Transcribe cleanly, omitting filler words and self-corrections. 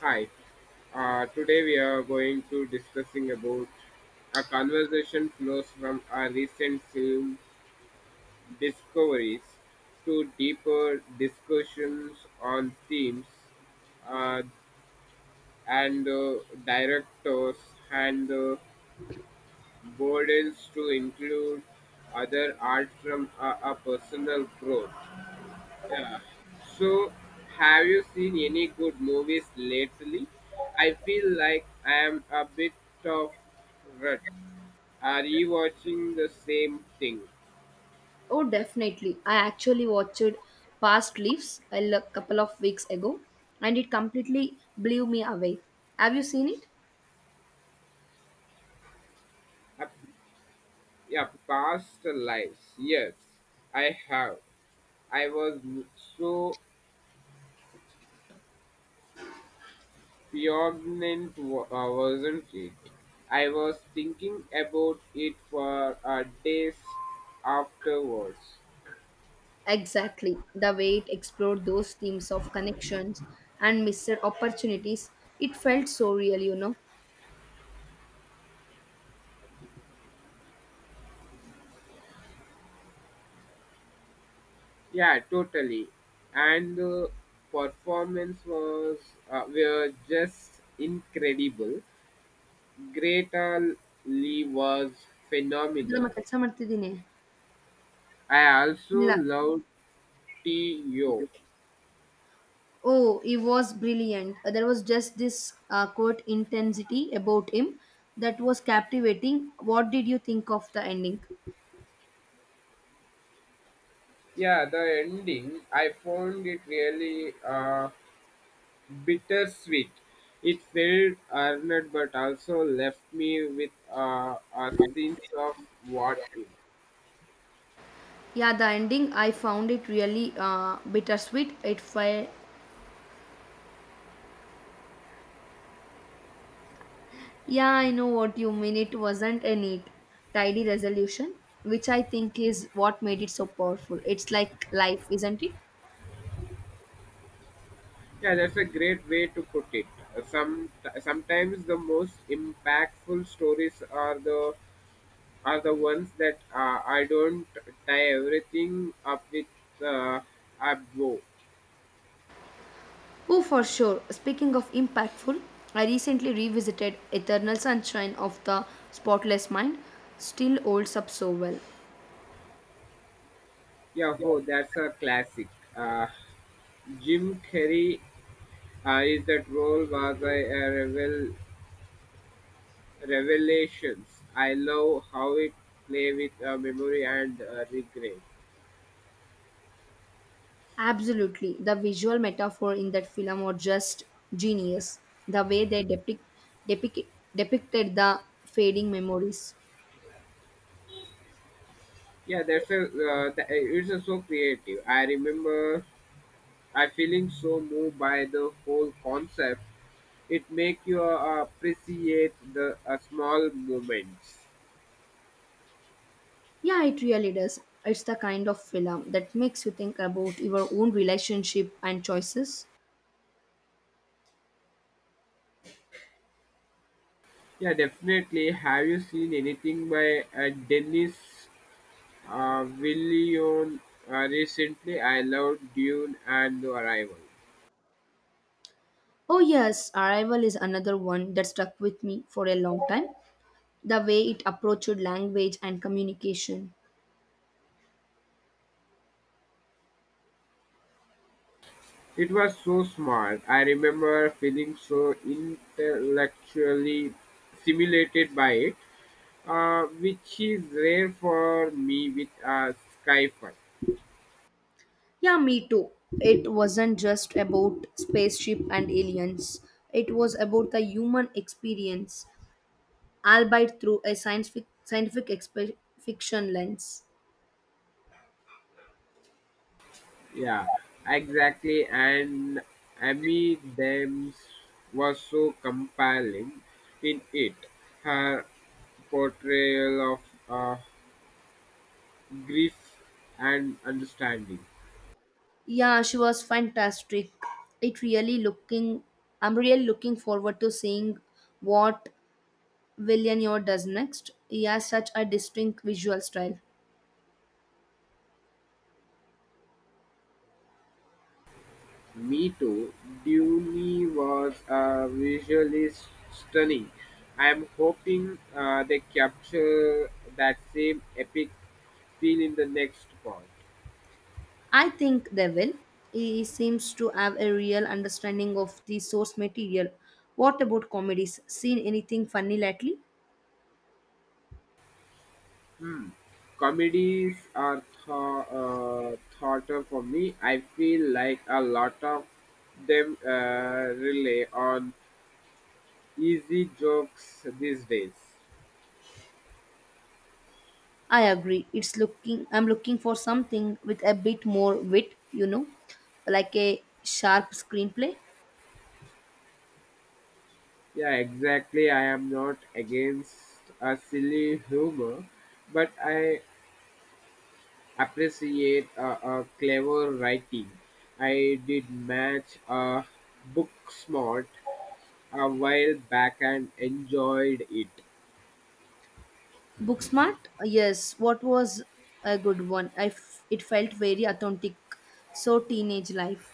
Hi, today we are going to discussing about a conversation flows from our recent film discoveries to deeper discussions on themes uh, and directors and burdens to include other art from a personal growth. Yeah. So, have you seen any good movies lately? I feel like I am a bit of rut. Are you watching the same thing? Oh, definitely. I actually watched Past Leaves couple of weeks ago and it completely blew me away. Have you seen it? Uh, yeah, past lives. Yes, I have. I was so pregnant, wasn't it? I was thinking about it for days afterwards. Exactly. The way it explored those themes of connections and missed opportunities, it felt so real. Yeah, totally. And the performance was were just incredible. Greta Lee was ಅದರ ನಮ್ಮ phenomenal. ಕೆಲಸ ಮಾಡ್ತಿದ್ದೀನಿ I also ಇಲ್ಲ loved T.O. Oh, he was brilliant. There was just this quote intensity about him that was captivating. What did you think of the ending? Yeah, the ending I found it really bittersweet. It felt earned, but also left me with a sense of what if. Yeah, the ending, I found it really bittersweet. It felt, yeah, I know what you mean. It wasn't a neat, tidy resolution, which I think is what made it so powerful. It's like life, isn't it? Yeah, that's a great way to put it. Some Sometimes the most impactful stories are the ones that I don't tie everything up with uh, a bow. Oh, for sure. Speaking of impactful, I recently revisited Eternal Sunshine of the Spotless Mind. Still holds up so well. Yeah, oh, that's a classic. Uh, Jim Carrey is that role was a revelations. I love how it play with memory and regret. Absolutely. The visual metaphor in that film were just genius. The way they depict depicted the fading memories. Yeah, that's a it's a so creative. I remember I feeling so moved by the whole concept. It make you appreciate the small moments. Yeah, it really does. It's the kind of film that makes you think about your own relationship and choices. Yeah, definitely. Have you seen anything by Dennis Villeneuve recently? I loved Dune and The Arrival. Oh yes, Arrival is another one that stuck with me for a long time. The way it approached language and communication. It was so smart. I remember feeling so intellectually stimulated by it, which is rare for me with sci-fi. Yeah, me too. It wasn't just about spaceship and aliens. It was about the human experience, albeit through a fiction lens. Yeah, exactly. And Amy Dems was so compelling in it. Her portrayal of uh, grief and understanding. Yeah, she was fantastic. It really looking. I'm really looking forward to seeing what Villeneuve does next. He has such a distinct visual style. Me too. Dune was stunning. I am hoping they capture that same epic feel in the next part. I think they will. He seems to have a real understanding of the source material. What about comedies? Seen anything funny lately? Hmm. Comedies are thought of for me. I feel like a lot of them rely on easy jokes these days. I agree. It's looking I'm looking for something with a bit more wit, like a sharp screenplay. Yeah, exactly. I am not against a silly humor, but I appreciate a clever writing. I did match a book smart a while back and enjoyed it. Booksmart? Yes, what was a good one? It felt very authentic. So teenage life.